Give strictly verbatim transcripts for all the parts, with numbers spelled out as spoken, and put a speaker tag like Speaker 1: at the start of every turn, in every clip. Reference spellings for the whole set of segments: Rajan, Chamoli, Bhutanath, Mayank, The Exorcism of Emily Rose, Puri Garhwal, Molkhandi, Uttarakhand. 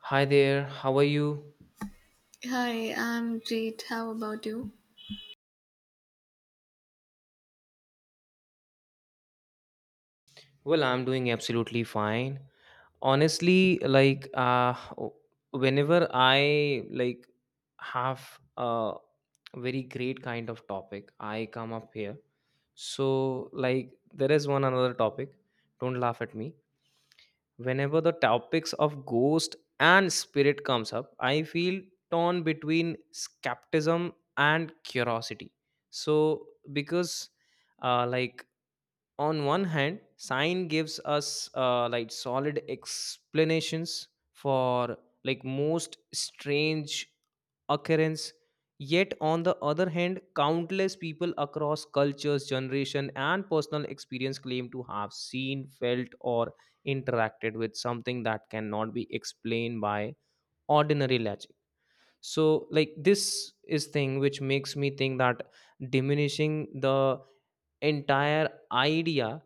Speaker 1: Hi there, how are you?
Speaker 2: Hi, I'm great. How about you?
Speaker 1: Well, I'm doing absolutely fine. Honestly, like uh o- whenever I like have a very great kind of topic, I come up here. So, like there is one another topic, don't laugh at me. Whenever the topics of ghost and spirit comes up, I feel torn between skepticism and curiosity. So, because uh, like on one hand science gives us uh, like solid explanations for like most strange occurrence, yet on the other hand countless people across cultures generation and personal experience claim to have seen felt or interacted with something that cannot be explained by ordinary logic. So like this is thing which makes me think that diminishing the entire idea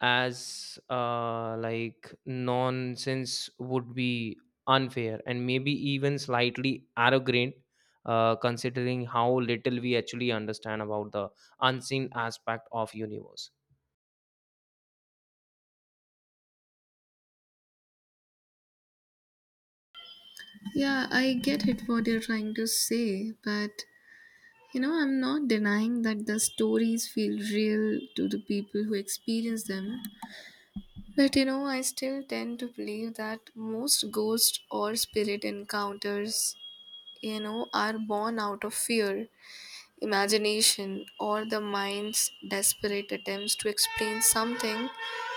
Speaker 1: as uh, like nonsense would be unfair and maybe even slightly arrogant, uh, considering how little we actually understand about the unseen aspect of universe.
Speaker 2: Yeah, I get it what you're trying to say, but you know, I'm not denying that the stories feel real to the people who experience them. But you know, I still tend to believe that most ghost or spirit encounters, you know, are born out of fear, imagination, or the mind's desperate attempts to explain something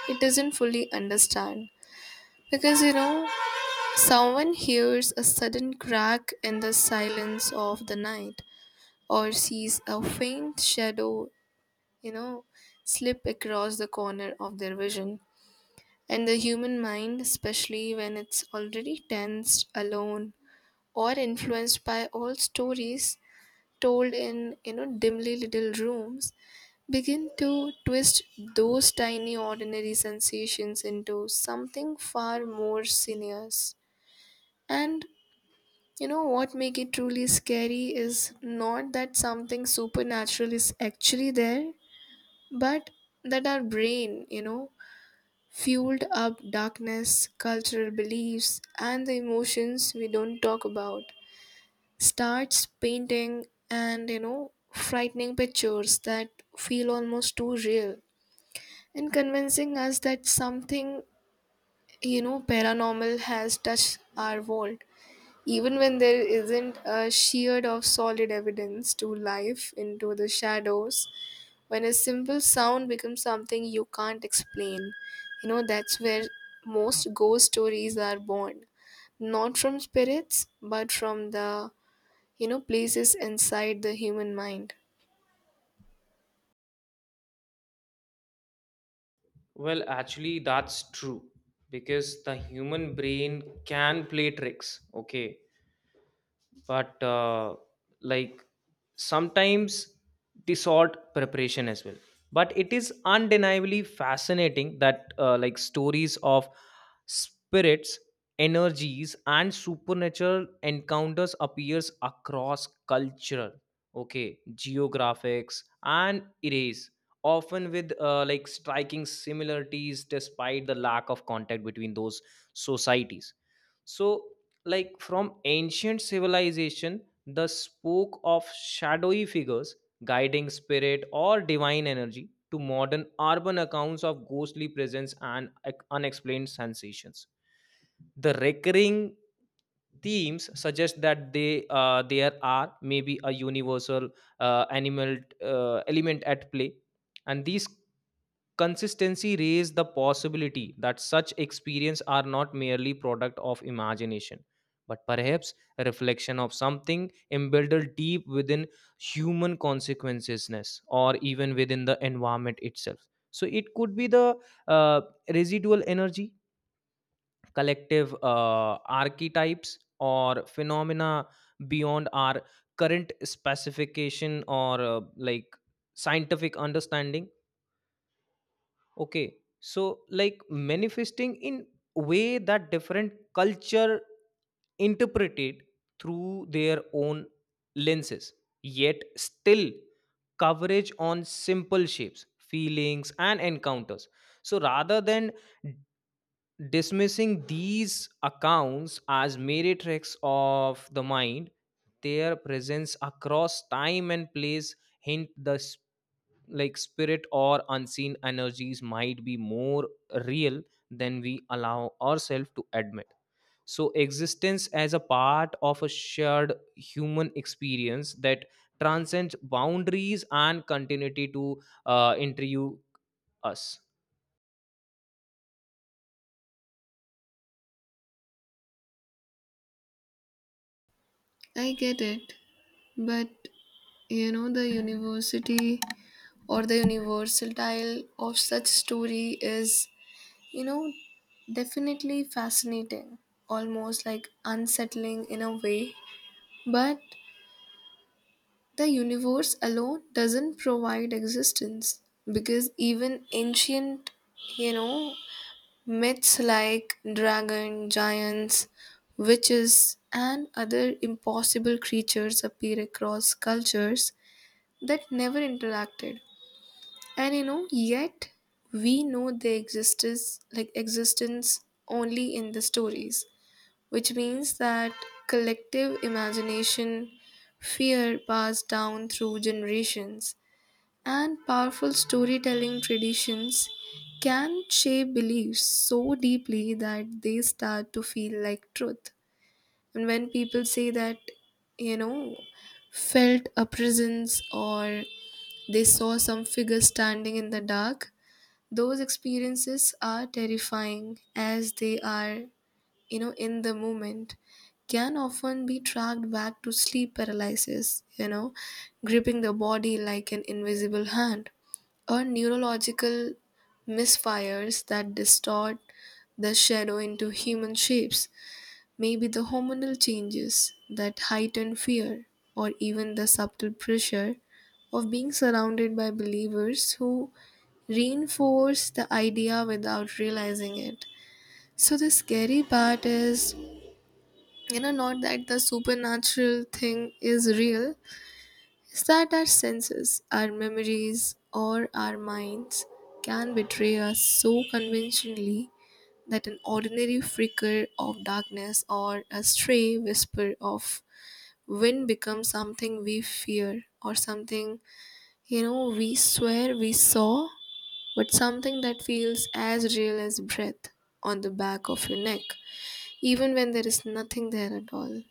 Speaker 2: it doesn't fully understand. Because you know, Someone hears a sudden crack in the silence of the night or sees a faint shadow, you know, slip across the corner of their vision. And the human mind, especially when it's already tensed, alone, or influenced by old stories told in, you know, dimly little rooms, begin to twist those tiny ordinary sensations into something far more serious. And you know what make it truly scary is not that something supernatural is actually there, but that our brain, you know, fueled up darkness, cultural beliefs, and the emotions we don't talk about starts painting and, you know, frightening pictures that feel almost too real and convincing us that something, you know, paranormal has touched our world. Even when there isn't a sherd of solid evidence to life into the shadows, when a simple sound becomes something you can't explain, you know, that's where most ghost stories are born. Not from spirits, but from the, you know, places inside the human mind.
Speaker 1: Well, actually that's true because the human brain can play tricks, okay, but uh, like sometimes dissort preparation as well. But it is undeniably fascinating that uh, like stories of spirits energies and supernatural encounters appears across cultural, okay, geographics and eras, often with uh, like striking similarities despite the lack of contact between those societies. So like from ancient civilization the spoke of shadowy figures guiding spirit or divine energy to modern urban accounts of ghostly presence and ex- unexplained sensations. The recurring themes suggest that they uh, there are maybe a universal uh, animal uh, element at play. And these consistency raise the possibility that such experience are not merely product of imagination, but perhaps a reflection of something embedded deep within human consequences or even within the environment itself. So it could be the uh, residual energy, collective uh, archetypes or phenomena beyond our current specification or uh, like scientific understanding. Okay, so like manifesting in way that different culture interpreted through their own lenses, yet still coverage on simple shapes feelings and encounters. So rather than dismissing these accounts as meretrix of the mind, their presence across time and place hint the sp- like spirit or unseen energies might be more real than we allow ourselves to admit. So existence as a part of a shared human experience that transcends boundaries and continuity to uh, interview us.
Speaker 2: I get it, but you know, the university or the universal tile of such story is, You know, definitely fascinating, almost like unsettling in a way. But the universe alone doesn't provide existence because even ancient, you know, myths like dragon, giants, witches, and other impossible creatures appear across cultures that never interacted. And you know, yet we know their existence like existence only in the stories, which means that collective imagination, fear passed down through generations, and powerful storytelling traditions can shape beliefs so deeply that they start to feel like truth. And when people say that, you know, felt a presence or they saw some figure standing in the dark, those experiences are terrifying as they are you know in the moment, can often be tracked back to sleep paralysis, you know gripping the body like an invisible hand, or neurological misfires that distort the shadow into human shapes, maybe the hormonal changes that heighten fear or even the subtle pressure of being surrounded by believers who reinforce the idea without realizing it. So the scary part is, you know not that the supernatural thing is real, it's that our senses, our memories, or our minds can betray us so conventionally that an ordinary flicker of darkness or a stray whisper of wind becomes something we fear, or something you know we swear we saw, but something that feels as real as breath on the back of your neck, even when there is nothing there at all.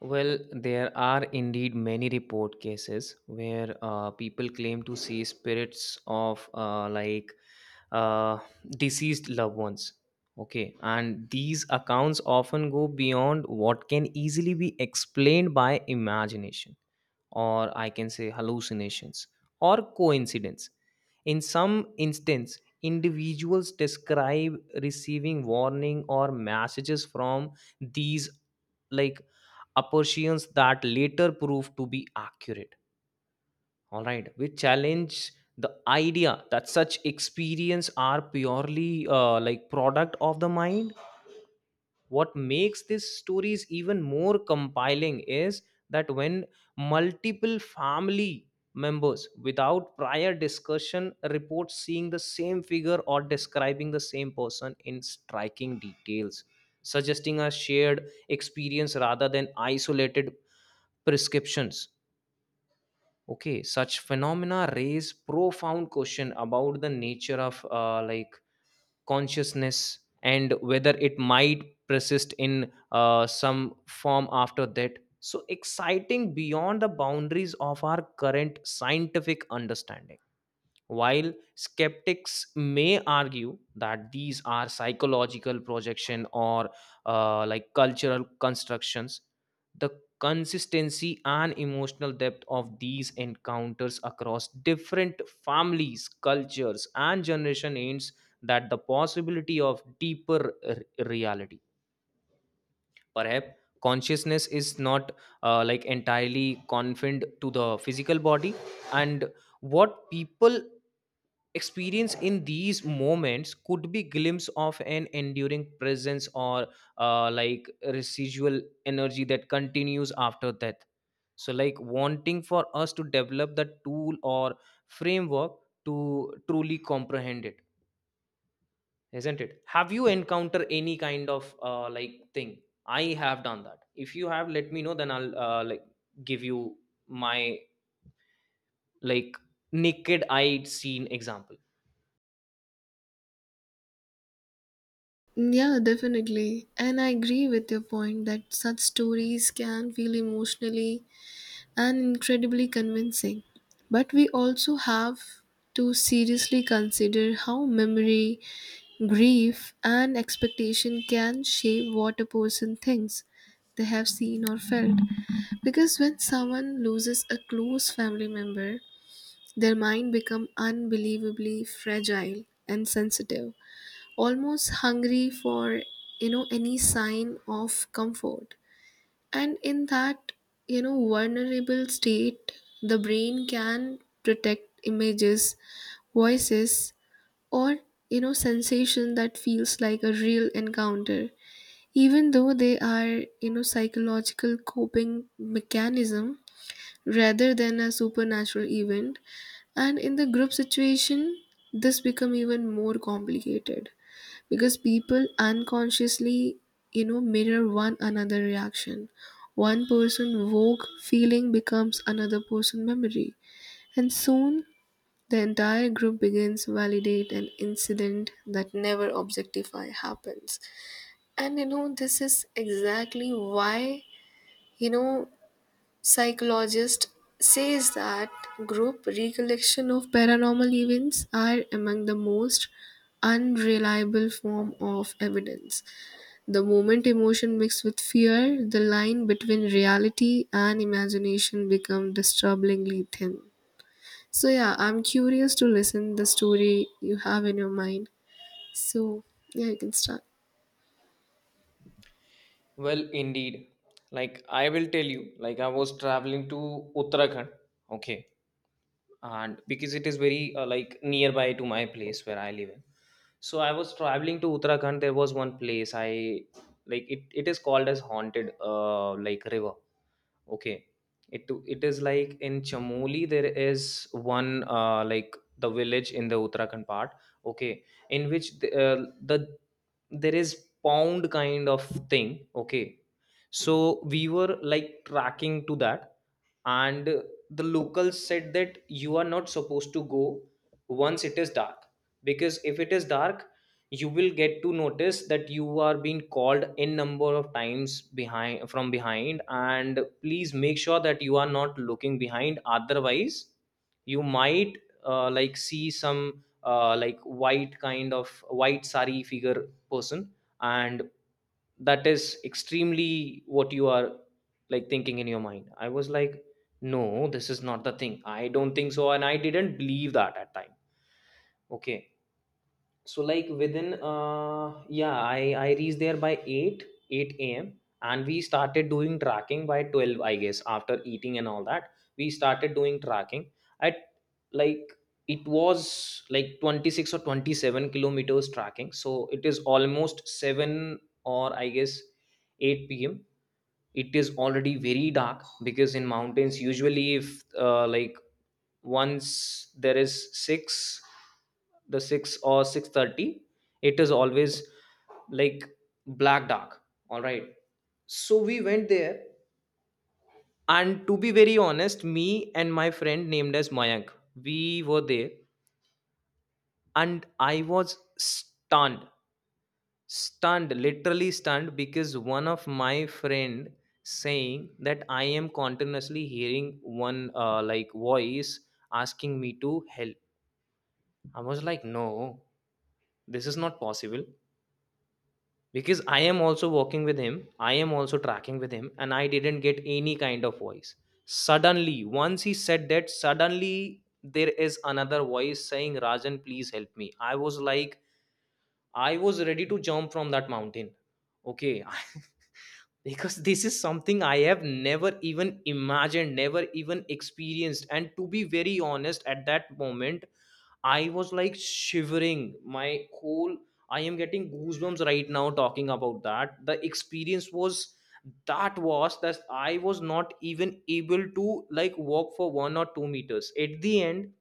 Speaker 1: Well, there are indeed many report cases where uh, people claim to see spirits of uh, like uh, deceased loved ones. Okay, and these accounts often go beyond what can easily be explained by imagination, or I can say hallucinations or coincidence. In some instance, individuals describe receiving warning or messages from these like apparitions that later prove to be accurate. All right, which challenge the idea that such experience are purely uh, like product of the mind. What makes these stories even more compelling is that when multiple family members without prior discussion report seeing the same figure or describing the same person in striking details, suggesting a shared experience rather than isolated prescriptions. Okay, such phenomena raise profound question about the nature of uh, like consciousness and whether it might persist in uh, some form after that. So exciting beyond the boundaries of our current scientific understanding. While skeptics may argue that these are psychological projection or uh, like cultural constructions, the consistency and emotional depth of these encounters across different families, cultures, and generation hints that the possibility of deeper r- reality. Perhaps consciousness is not uh, like entirely confined to the physical body, and what people experience in these moments could be glimpse of an enduring presence or uh, like residual energy that continues after death. So like wanting for us to develop the tool or framework to truly comprehend it. Isn't it? Have you encountered any kind of uh, like thing? I have done that. If you have, let me know, then I'll uh, like give you my like naked eyed seen example.
Speaker 2: Yeah, definitely. And I agree with your point that such stories can feel emotionally and incredibly convincing. But we also have to seriously consider how memory, grief, and expectation can shape what a person thinks they have seen or felt. Because when someone loses a close family member, their mind becomes unbelievably fragile and sensitive, almost hungry for you know any sign of comfort. And in that you know vulnerable state, the brain can protect images, voices, or you know sensation that feels like a real encounter, even though they are you know psychological coping mechanism rather than a supernatural event. And in the group situation, this become even more complicated because people unconsciously, you know mirror one another reaction. One person woke feeling becomes another person memory, and soon the entire group begins validate an incident that never objectify happens. And you know this is exactly why, you know psychologist says that group recollection of paranormal events are among the most unreliable form of evidence. The moment emotion mixed with fear, the line between reality and imagination becomes disturbingly thin. So yeah, I'm curious to listen the story you have in your mind. So yeah, you can start.
Speaker 1: Well, indeed. Like I will tell you, like I was traveling to Uttarakhand, okay, and because it is very uh, like nearby to my place where I live in. So I was traveling to Uttarakhand. There was one place I like it. It is called as haunted, uh, like river. Okay. It it is like in Chamoli. There is one uh, like the village in the Uttarakhand part. Okay, in which the, uh, the there is pound kind of thing. Okay, so we were like tracking to that, and the locals said that you are not supposed to go once it is dark, because if it is dark you will get to notice that you are being called n number of times behind from behind. And please make sure that you are not looking behind, otherwise you might uh, like see some uh, like white kind of white sari figure person. And that is extremely what you are like thinking in your mind. I was like, no, this is not the thing, I don't think so, and I didn't believe that at time. Okay, so like within uh yeah i i reached there by 8 8 a.m. and we started doing tracking by twelve I guess. After eating and all that, we started doing tracking at like it was like twenty-six or twenty-seven kilometers tracking. So it is almost seven, or I guess eight p.m. It is already very dark, because in mountains usually if uh, like once there is six, the six or six thirty, it is always like black dark. All right, so we went there. And to be very honest, me and my friend named as Mayank, we were there, and I was stunned, stunned, literally stunned, because one of my friend saying that I am continuously hearing one uh, like voice asking me to help. I was like, no, this is not possible, because I am also working with him, I am also tracking with him, and I didn't get any kind of voice. Suddenly once he said that, suddenly there is another voice saying Rajan please help me. I was like, I was ready to jump from that mountain. Okay. Because this is something I have never even imagined, never even experienced. And to be very honest, at that moment I was like shivering. My whole I am getting goosebumps right now talking about that. The experience was that was that I was not even able to like walk for one or two meters. At the end,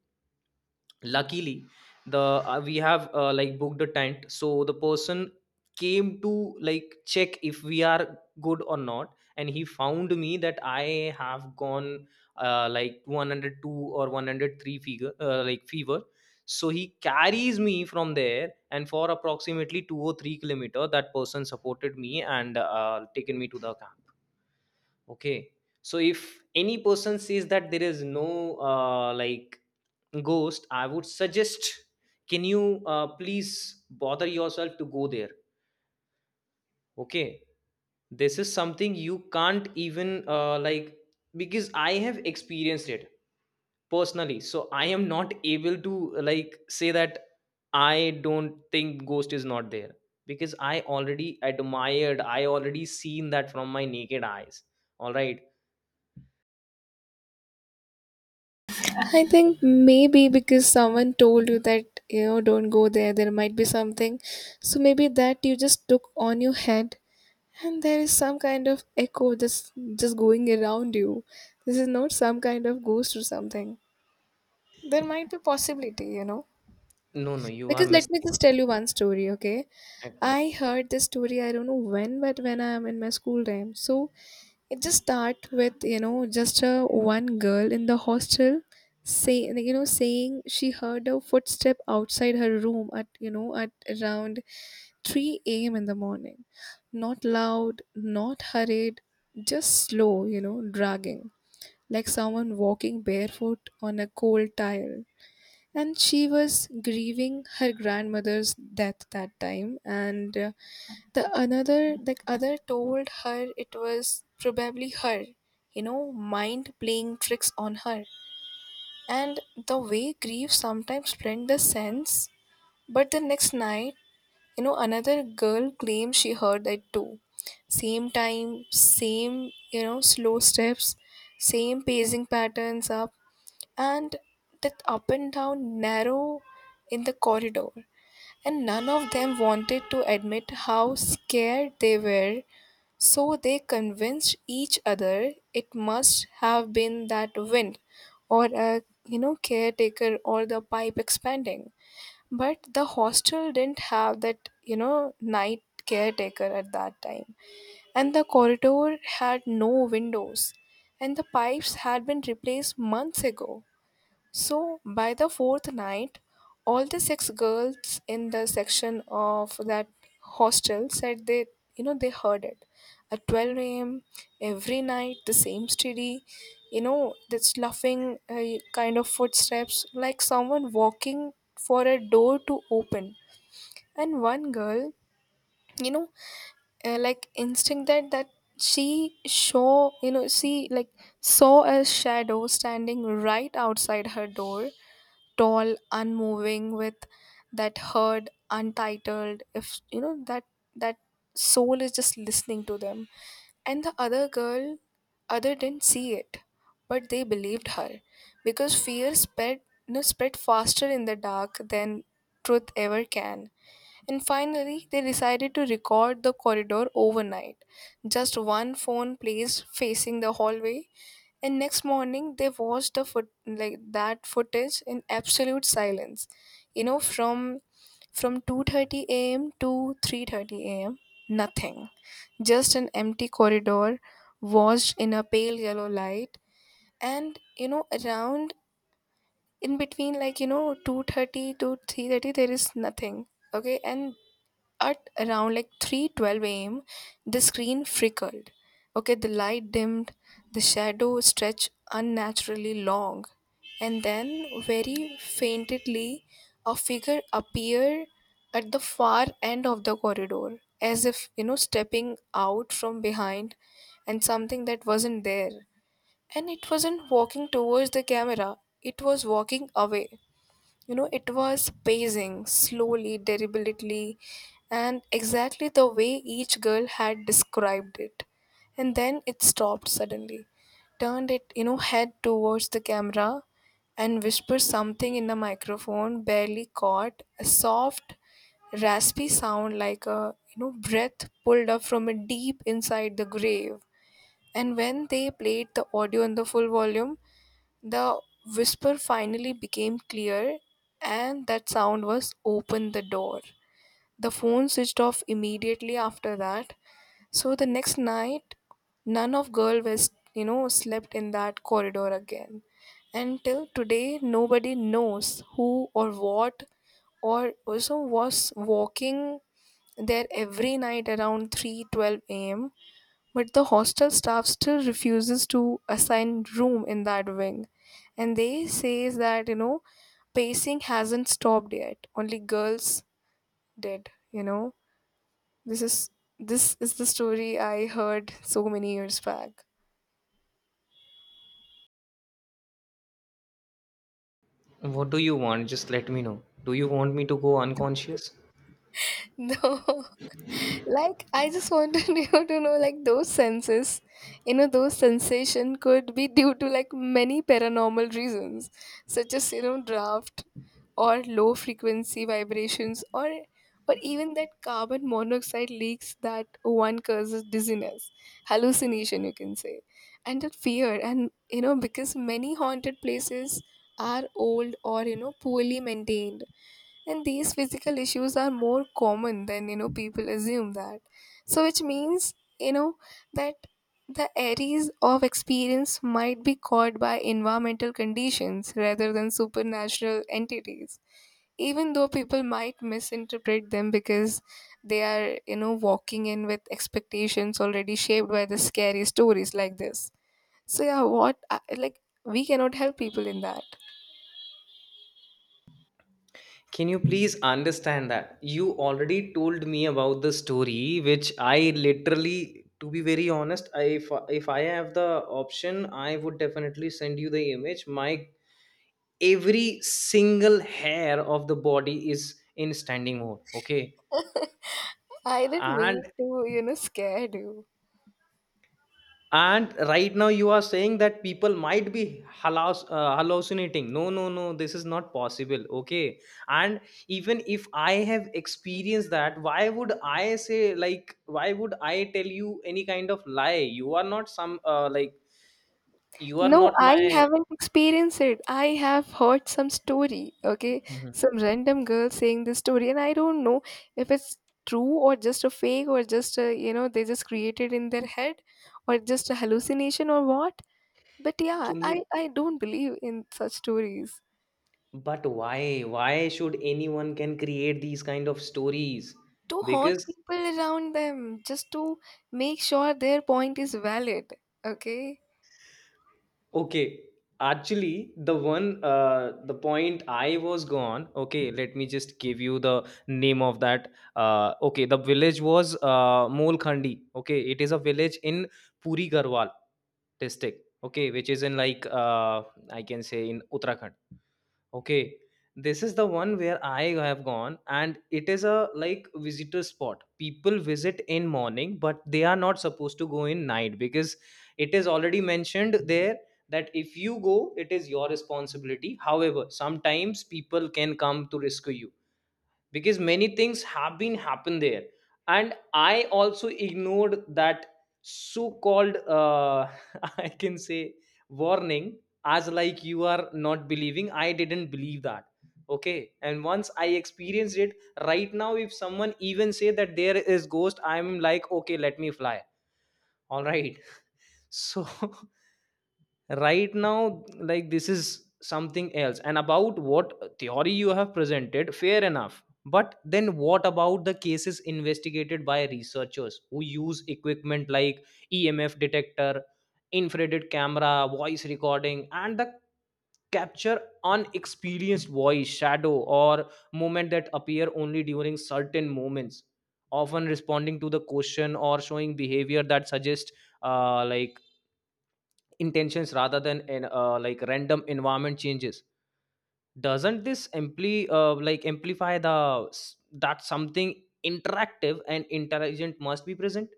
Speaker 1: luckily the uh, we have uh, like booked a tent, so the person came to like check if we are good or not, and he found me that I have gone uh, like one hundred two or one hundred three figure uh, like fever. So he carries me from there, and for approximately two or three kilometer that person supported me and uh, taken me to the camp. Okay, so if any person says that there is no uh, like ghost, I would suggest, can you uh, please bother yourself to go there? Okay, this is something you can't even uh, like, because I have experienced it personally, so I am not able to like say that I don't think ghost is not there, because I already admired, I already seen that from my naked eyes. All right.
Speaker 2: I think maybe because someone told you that, you know, don't go there, there might be something. So maybe that you just took on your head, and there is some kind of echo just just going around you. This is not some kind of ghost or something. There might be possibility, you know.
Speaker 1: No, no, you are
Speaker 2: Because let me just
Speaker 1: mistaken.
Speaker 2: tell you one story, okay?
Speaker 1: Okay,
Speaker 2: I heard this story, I don't know when, but when I'm in my school time. So it just start with, you know, just a one girl in the hostel say, you know saying she heard a footstep outside her room at, you know at around three a m a.m in the morning. Not loud, not hurried, just slow, you know dragging, like someone walking barefoot on a cold tile. And she was grieving her grandmother's death that time, and uh, the another the other told her it was probably her, you know mind playing tricks on her, and the way grief sometimes blend the sense. But the next night, you know another girl claimed she heard that too. Same time, same, you know slow steps, same pacing patterns up, and that up and down narrow in the corridor. And none of them wanted to admit how scared they were, so they convinced each other it must have been that wind or a, you know caretaker, or the pipe expanding. But the hostel didn't have that, you know night caretaker at that time, and the corridor had no windows, and the pipes had been replaced months ago. So by the fourth night, all the six girls in the section of that hostel said they, you know, they heard it at twelve a m every night, the same steady, you know, that sloughing uh, kind of footsteps, like someone walking for a door to open. And one girl, you know, uh, like instinct that that she saw, you know, she like saw a shadow standing right outside her door, tall, unmoving, with that herd untitled, if you know that, that soul is just listening to them. And the other girl, other didn't see it, but they believed her, because fear spread, you know, spread faster in the dark than truth ever can. And finally they decided to record the corridor overnight, just one phone placed facing the hallway. And next morning, they watched the foot like that footage in absolute silence. You know, from from two thirty a m to three thirty a m. Nothing, just an empty corridor, washed in a pale yellow light. And you know, around in between, like you know, two thirty to three thirty, there is nothing. Okay, and at around like three twelve a m the screen flickered. Okay, the light dimmed, the shadow stretched unnaturally long, and then very faintly a figure appeared at the far end of the corridor, as if, you know, stepping out from behind and something that wasn't there. And it wasn't walking towards the camera, it was walking away. You know, it was pacing slowly, deliberately, and exactly the way each girl had described it. And then it stopped suddenly, turned it, you know, head towards the camera, and whispered something in the microphone, barely caught, a soft, raspy sound like a, you know, breath pulled up from a deep inside the grave. And when they played the audio in the full volume, the whisper finally became clear, and that sound was open the door. The phone switched off immediately after that. So the next night, none of girl was, you know, slept in that corridor again. And till today, nobody knows who or what or also was walking there every night around three twelve a.m, but the hostel staff still refuses to assign room in that wing. And they says that, you know, pacing hasn't stopped yet. Only girls did, you know. This is this is the story I heard so many years back.
Speaker 1: what do you want? Just let me know. Do you want me to go unconscious?
Speaker 2: No, like I just wanted you to know like those senses, you know those sensation could be due to like many paranormal reasons, such as you know draft or low frequency vibrations, or or even that carbon monoxide leaks that one causes dizziness, hallucination you can say. And that fear, and you know because many haunted places are old or you know poorly maintained, and these physical issues are more common than you know people assume that. So which means, you know that the areas of experience might be caused by environmental conditions rather than supernatural entities, even though people might misinterpret them because they are, you know walking in with expectations already shaped by the scary stories like this. So yeah, what I- like we cannot help people in that.
Speaker 1: Can you please understand that? You already told me about the story, which I literally, to be very honest, I, if, if I have the option, I would definitely send you the image. My every single hair of the body is in standing mode. Okay.
Speaker 2: I didn't mean
Speaker 1: and.
Speaker 2: to you know scare you.
Speaker 1: and right now you are saying that people might be halas- uh, hallucinating. No, no, no, this is not possible. Okay, and even if I have experienced that, why would I say, like why would I tell you any kind of lie? You are not some uh, like you are
Speaker 2: No,
Speaker 1: not
Speaker 2: I
Speaker 1: my.
Speaker 2: haven't experienced it. I have heard some story, okay?
Speaker 1: Mhm.
Speaker 2: Some random girl saying this story, and I don't know if it's true or just a fake or just a, you know, they just created in their head or just a hallucination or what. But yeah,
Speaker 1: Can you,
Speaker 2: I, I don't believe in such stories.
Speaker 1: but why why should anyone can create these kind of stories?
Speaker 2: To haunt
Speaker 1: Because...
Speaker 2: people around them, just to make sure their point is valid, okay?
Speaker 1: Okay, actually, the one, uh, the point I was gone. Okay, let me just give you the name of that. Uh, okay, the village was uh, Molkhandi. Okay, it is a village in Puri Garhwal district. Okay, which is in like uh, I can say in Uttarakhand. Okay, this is the one where I have gone, and it is a like visitor spot. People visit in morning, but they are not supposed to go in night, because it is already mentioned there that if you go, it is your responsibility. However, sometimes people can come to rescue you because many things have been happened there and i also ignored that so called uh, I can say warning, as like you are not believing. I didn't believe that. Okay, and once I experienced it, right now if someone even say that there is ghost, i'm like, okay, let me fly. All right. So right now, like, this is something else. And about what theory you have presented, fair enough. But then what about the cases investigated by researchers who use equipment like EMF detector, infrared camera, voice recording, and the capture unexperienced voice, shadow or movement that appear only during certain moments, often responding to the question or showing behavior that suggests uh, like intentions rather than in uh, like random environment changes? Doesn't this ampli- uh, like amplify the s- that something interactive and intelligent must be present?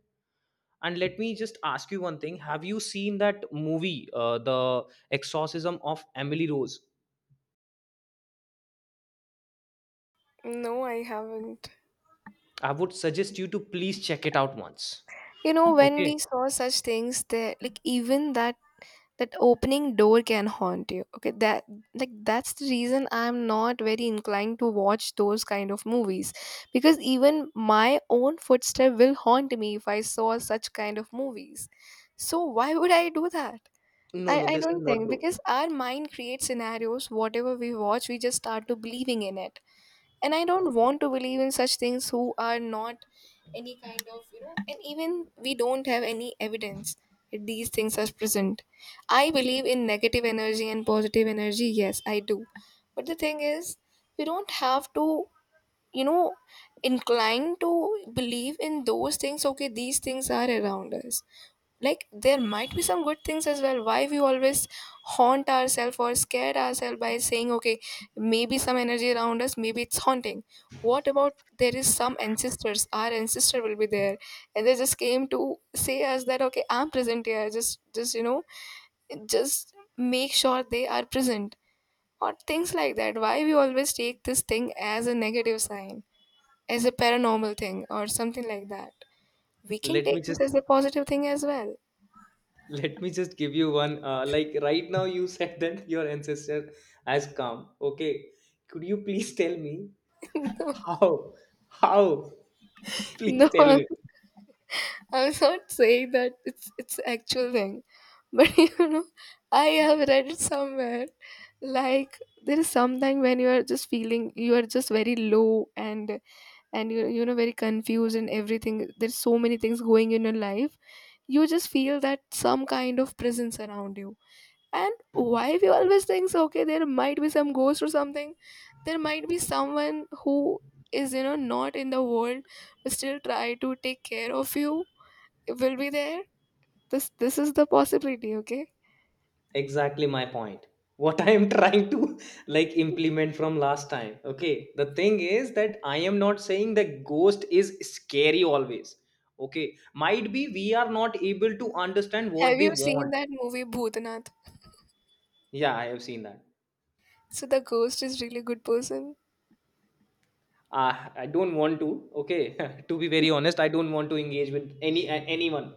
Speaker 1: And let me just ask you one thing. Have you seen that movie, uh, the Exorcism of Emily Rose?
Speaker 2: No, I haven't.
Speaker 1: I would suggest you to please check it out once.
Speaker 2: You know, when
Speaker 1: Okay.
Speaker 2: we saw such things, there, like even that that opening door can haunt you, okay. That like that's the reason I'm not very inclined to watch those kind of movies, because even my own footstep will haunt me if I saw such kind of movies. So why would I do that?
Speaker 1: No,
Speaker 2: I,
Speaker 1: no,
Speaker 2: I
Speaker 1: this is
Speaker 2: don't
Speaker 1: not
Speaker 2: think,
Speaker 1: true.
Speaker 2: because our mind creates scenarios. Whatever we watch, we just start to believing in it, and I don't want to believe in such things who are not any kind of, you know and even we don't have any evidence that these things are present. I believe in negative energy and positive energy, yes I do. But the thing is, we don't have to, you know incline to believe in those things. Okay, these things are around us, like there might be some good things as well. Why we always haunt ourselves or scare ourselves by saying, okay, maybe some energy around us, maybe it's haunting. What about there is some ancestors, our ancestor will be there, and they just came to say us that, okay, I'm present here, just just you know just make sure they are present, or things like that. Why we always take this thing as a negative sign, as a paranormal thing or something like that? We can
Speaker 1: let
Speaker 2: take
Speaker 1: me just
Speaker 2: this as a positive thing as well.
Speaker 1: Let me just give you one. Uh, like right now, you said that your ancestor has come. Okay, could you please tell me how? How? Please
Speaker 2: No,
Speaker 1: tell me.
Speaker 2: I am not saying that it's it's actual thing, but you know, I have read it somewhere. Like there is sometime when you are just feeling, you are just very low, and and you you know very confused and everything. There's so many things going in your life. You just feel that some kind of presence around you. And why we always think so? Okay, there might be some ghost or something. There might be someone who is, you know, not in the world, but still try to take care of you, will be there. This this is the possibility, okay?
Speaker 1: Exactly my point. What I am trying to like implement from last time. Okay, the thing is that I am not saying the ghost is scary always. Okay, might be we are not able to understand
Speaker 2: Have
Speaker 1: what they
Speaker 2: you seen
Speaker 1: want.
Speaker 2: that movie Bhutanath?
Speaker 1: Yeah, I have seen that.
Speaker 2: So the ghost is really good person.
Speaker 1: uh, i don't want to, okay, to be very honest, I don't want to engage with any a- anyone.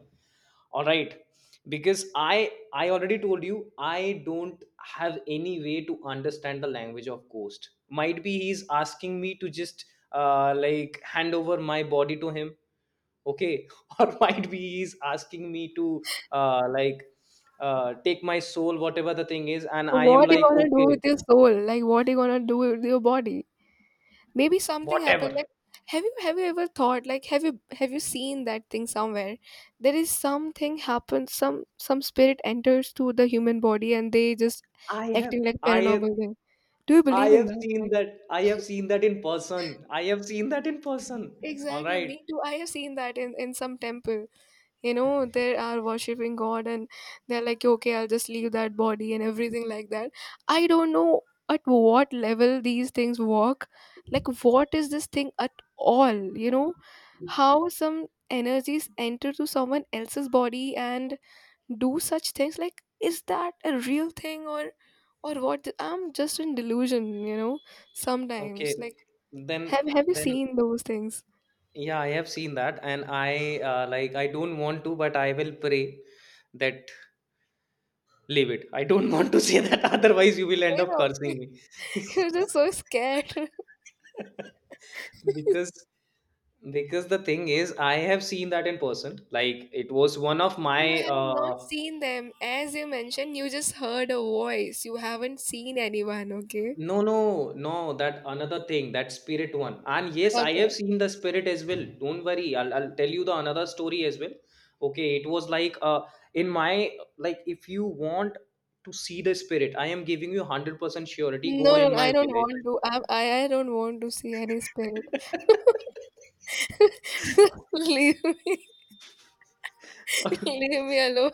Speaker 1: All right, because i i already told you, I don't have any way to understand the language of ghost. Might be he's asking me to just uh, like hand over my body to him. Okay. Or might be he's asking me to uh, like uh, take my soul, whatever the thing is, and I
Speaker 2: What
Speaker 1: am
Speaker 2: you
Speaker 1: like,
Speaker 2: gonna do
Speaker 1: okay,
Speaker 2: with your soul? Like what you gonna do with your body? Maybe something
Speaker 1: whatever.
Speaker 2: happened. Like have you have you ever thought, like have you have you seen that thing somewhere? There is something happens. Some some spirit enters to the human body and they just
Speaker 1: i have
Speaker 2: acting like
Speaker 1: i have
Speaker 2: paranormal thing. Do you
Speaker 1: I
Speaker 2: believe in
Speaker 1: have
Speaker 2: that?
Speaker 1: seen
Speaker 2: Like,
Speaker 1: that. I have seen that in person. I have seen that in person. All
Speaker 2: exactly.
Speaker 1: right.
Speaker 2: Me too. I have seen that in in some temple. You know, they are worshiping god, and they're like, okay, I'll just leave that body and everything like that. I don't know at what level these things work, like what is this thing at all, you know, how some energies enter to someone else's body and do such things. Like is that a real thing, or or what, I'm just in delusion, you know,
Speaker 1: Okay.
Speaker 2: sometimes like
Speaker 1: Then,
Speaker 2: have have you
Speaker 1: then,
Speaker 2: seen those things?
Speaker 1: yeah, I have seen that, and I uh, like. I don't want to, but I will pray that. Leave it. I don't want to say that. Otherwise, you will end
Speaker 2: Say
Speaker 1: up
Speaker 2: something.
Speaker 1: cursing me.
Speaker 2: You're just so scared.
Speaker 1: because because the thing is, I have seen that in person. Like it was one of
Speaker 2: You
Speaker 1: my
Speaker 2: have not
Speaker 1: uh
Speaker 2: seen them. As you mentioned, you just heard a voice. You haven't seen anyone, okay?
Speaker 1: No, no, no. That another thing, that spirit one. And yes, I
Speaker 2: Okay.
Speaker 1: have seen the spirit as well. Don't worry. I'll, I'll tell you the another story as well. Okay, it was like uh in my, like, if you want to see the spirit, I am giving you one hundred percent surety. Go
Speaker 2: No,
Speaker 1: in
Speaker 2: no, I
Speaker 1: my
Speaker 2: don't
Speaker 1: village.
Speaker 2: want to. I, I I don't want to see any spirit. Leave me. Leave me alone.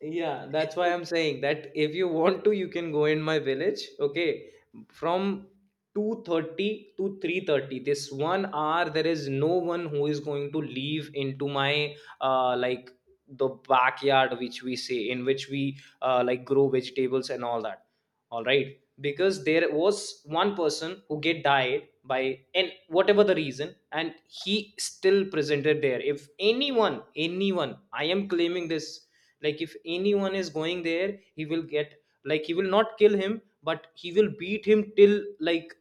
Speaker 1: Yeah, that's why I'm saying that if you want to, you can go in my village. Okay, from two thirty to three thirty, this one hour, there is no one who is going to leave into my uh like the backyard, which we say, in which we uh like grow vegetables and all that. All right, because there was one person who get died by, and whatever the reason, and he still presented there. If anyone, anyone, I am claiming this, like, if anyone is going there, he will get, like, he will not kill him, but he will beat him till like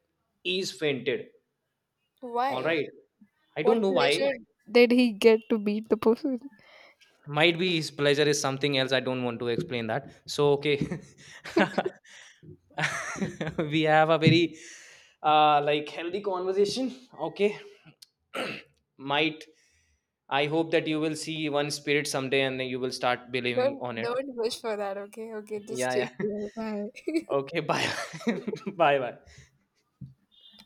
Speaker 1: he's fainted. All
Speaker 2: Why?
Speaker 1: right. I don't
Speaker 2: What
Speaker 1: know why.
Speaker 2: pleasure did he get to beat the person?
Speaker 1: Might be his pleasure is something else. I don't want to explain that. So, okay, we have a very uh like healthy conversation. Okay. Might, I hope that you will see one spirit someday and then you will start believing
Speaker 2: Don't
Speaker 1: on it.
Speaker 2: don't wish for that, okay? Okay, just
Speaker 1: Yeah,
Speaker 2: take
Speaker 1: yeah.
Speaker 2: care. Bye.
Speaker 1: Okay, bye. Bye bye.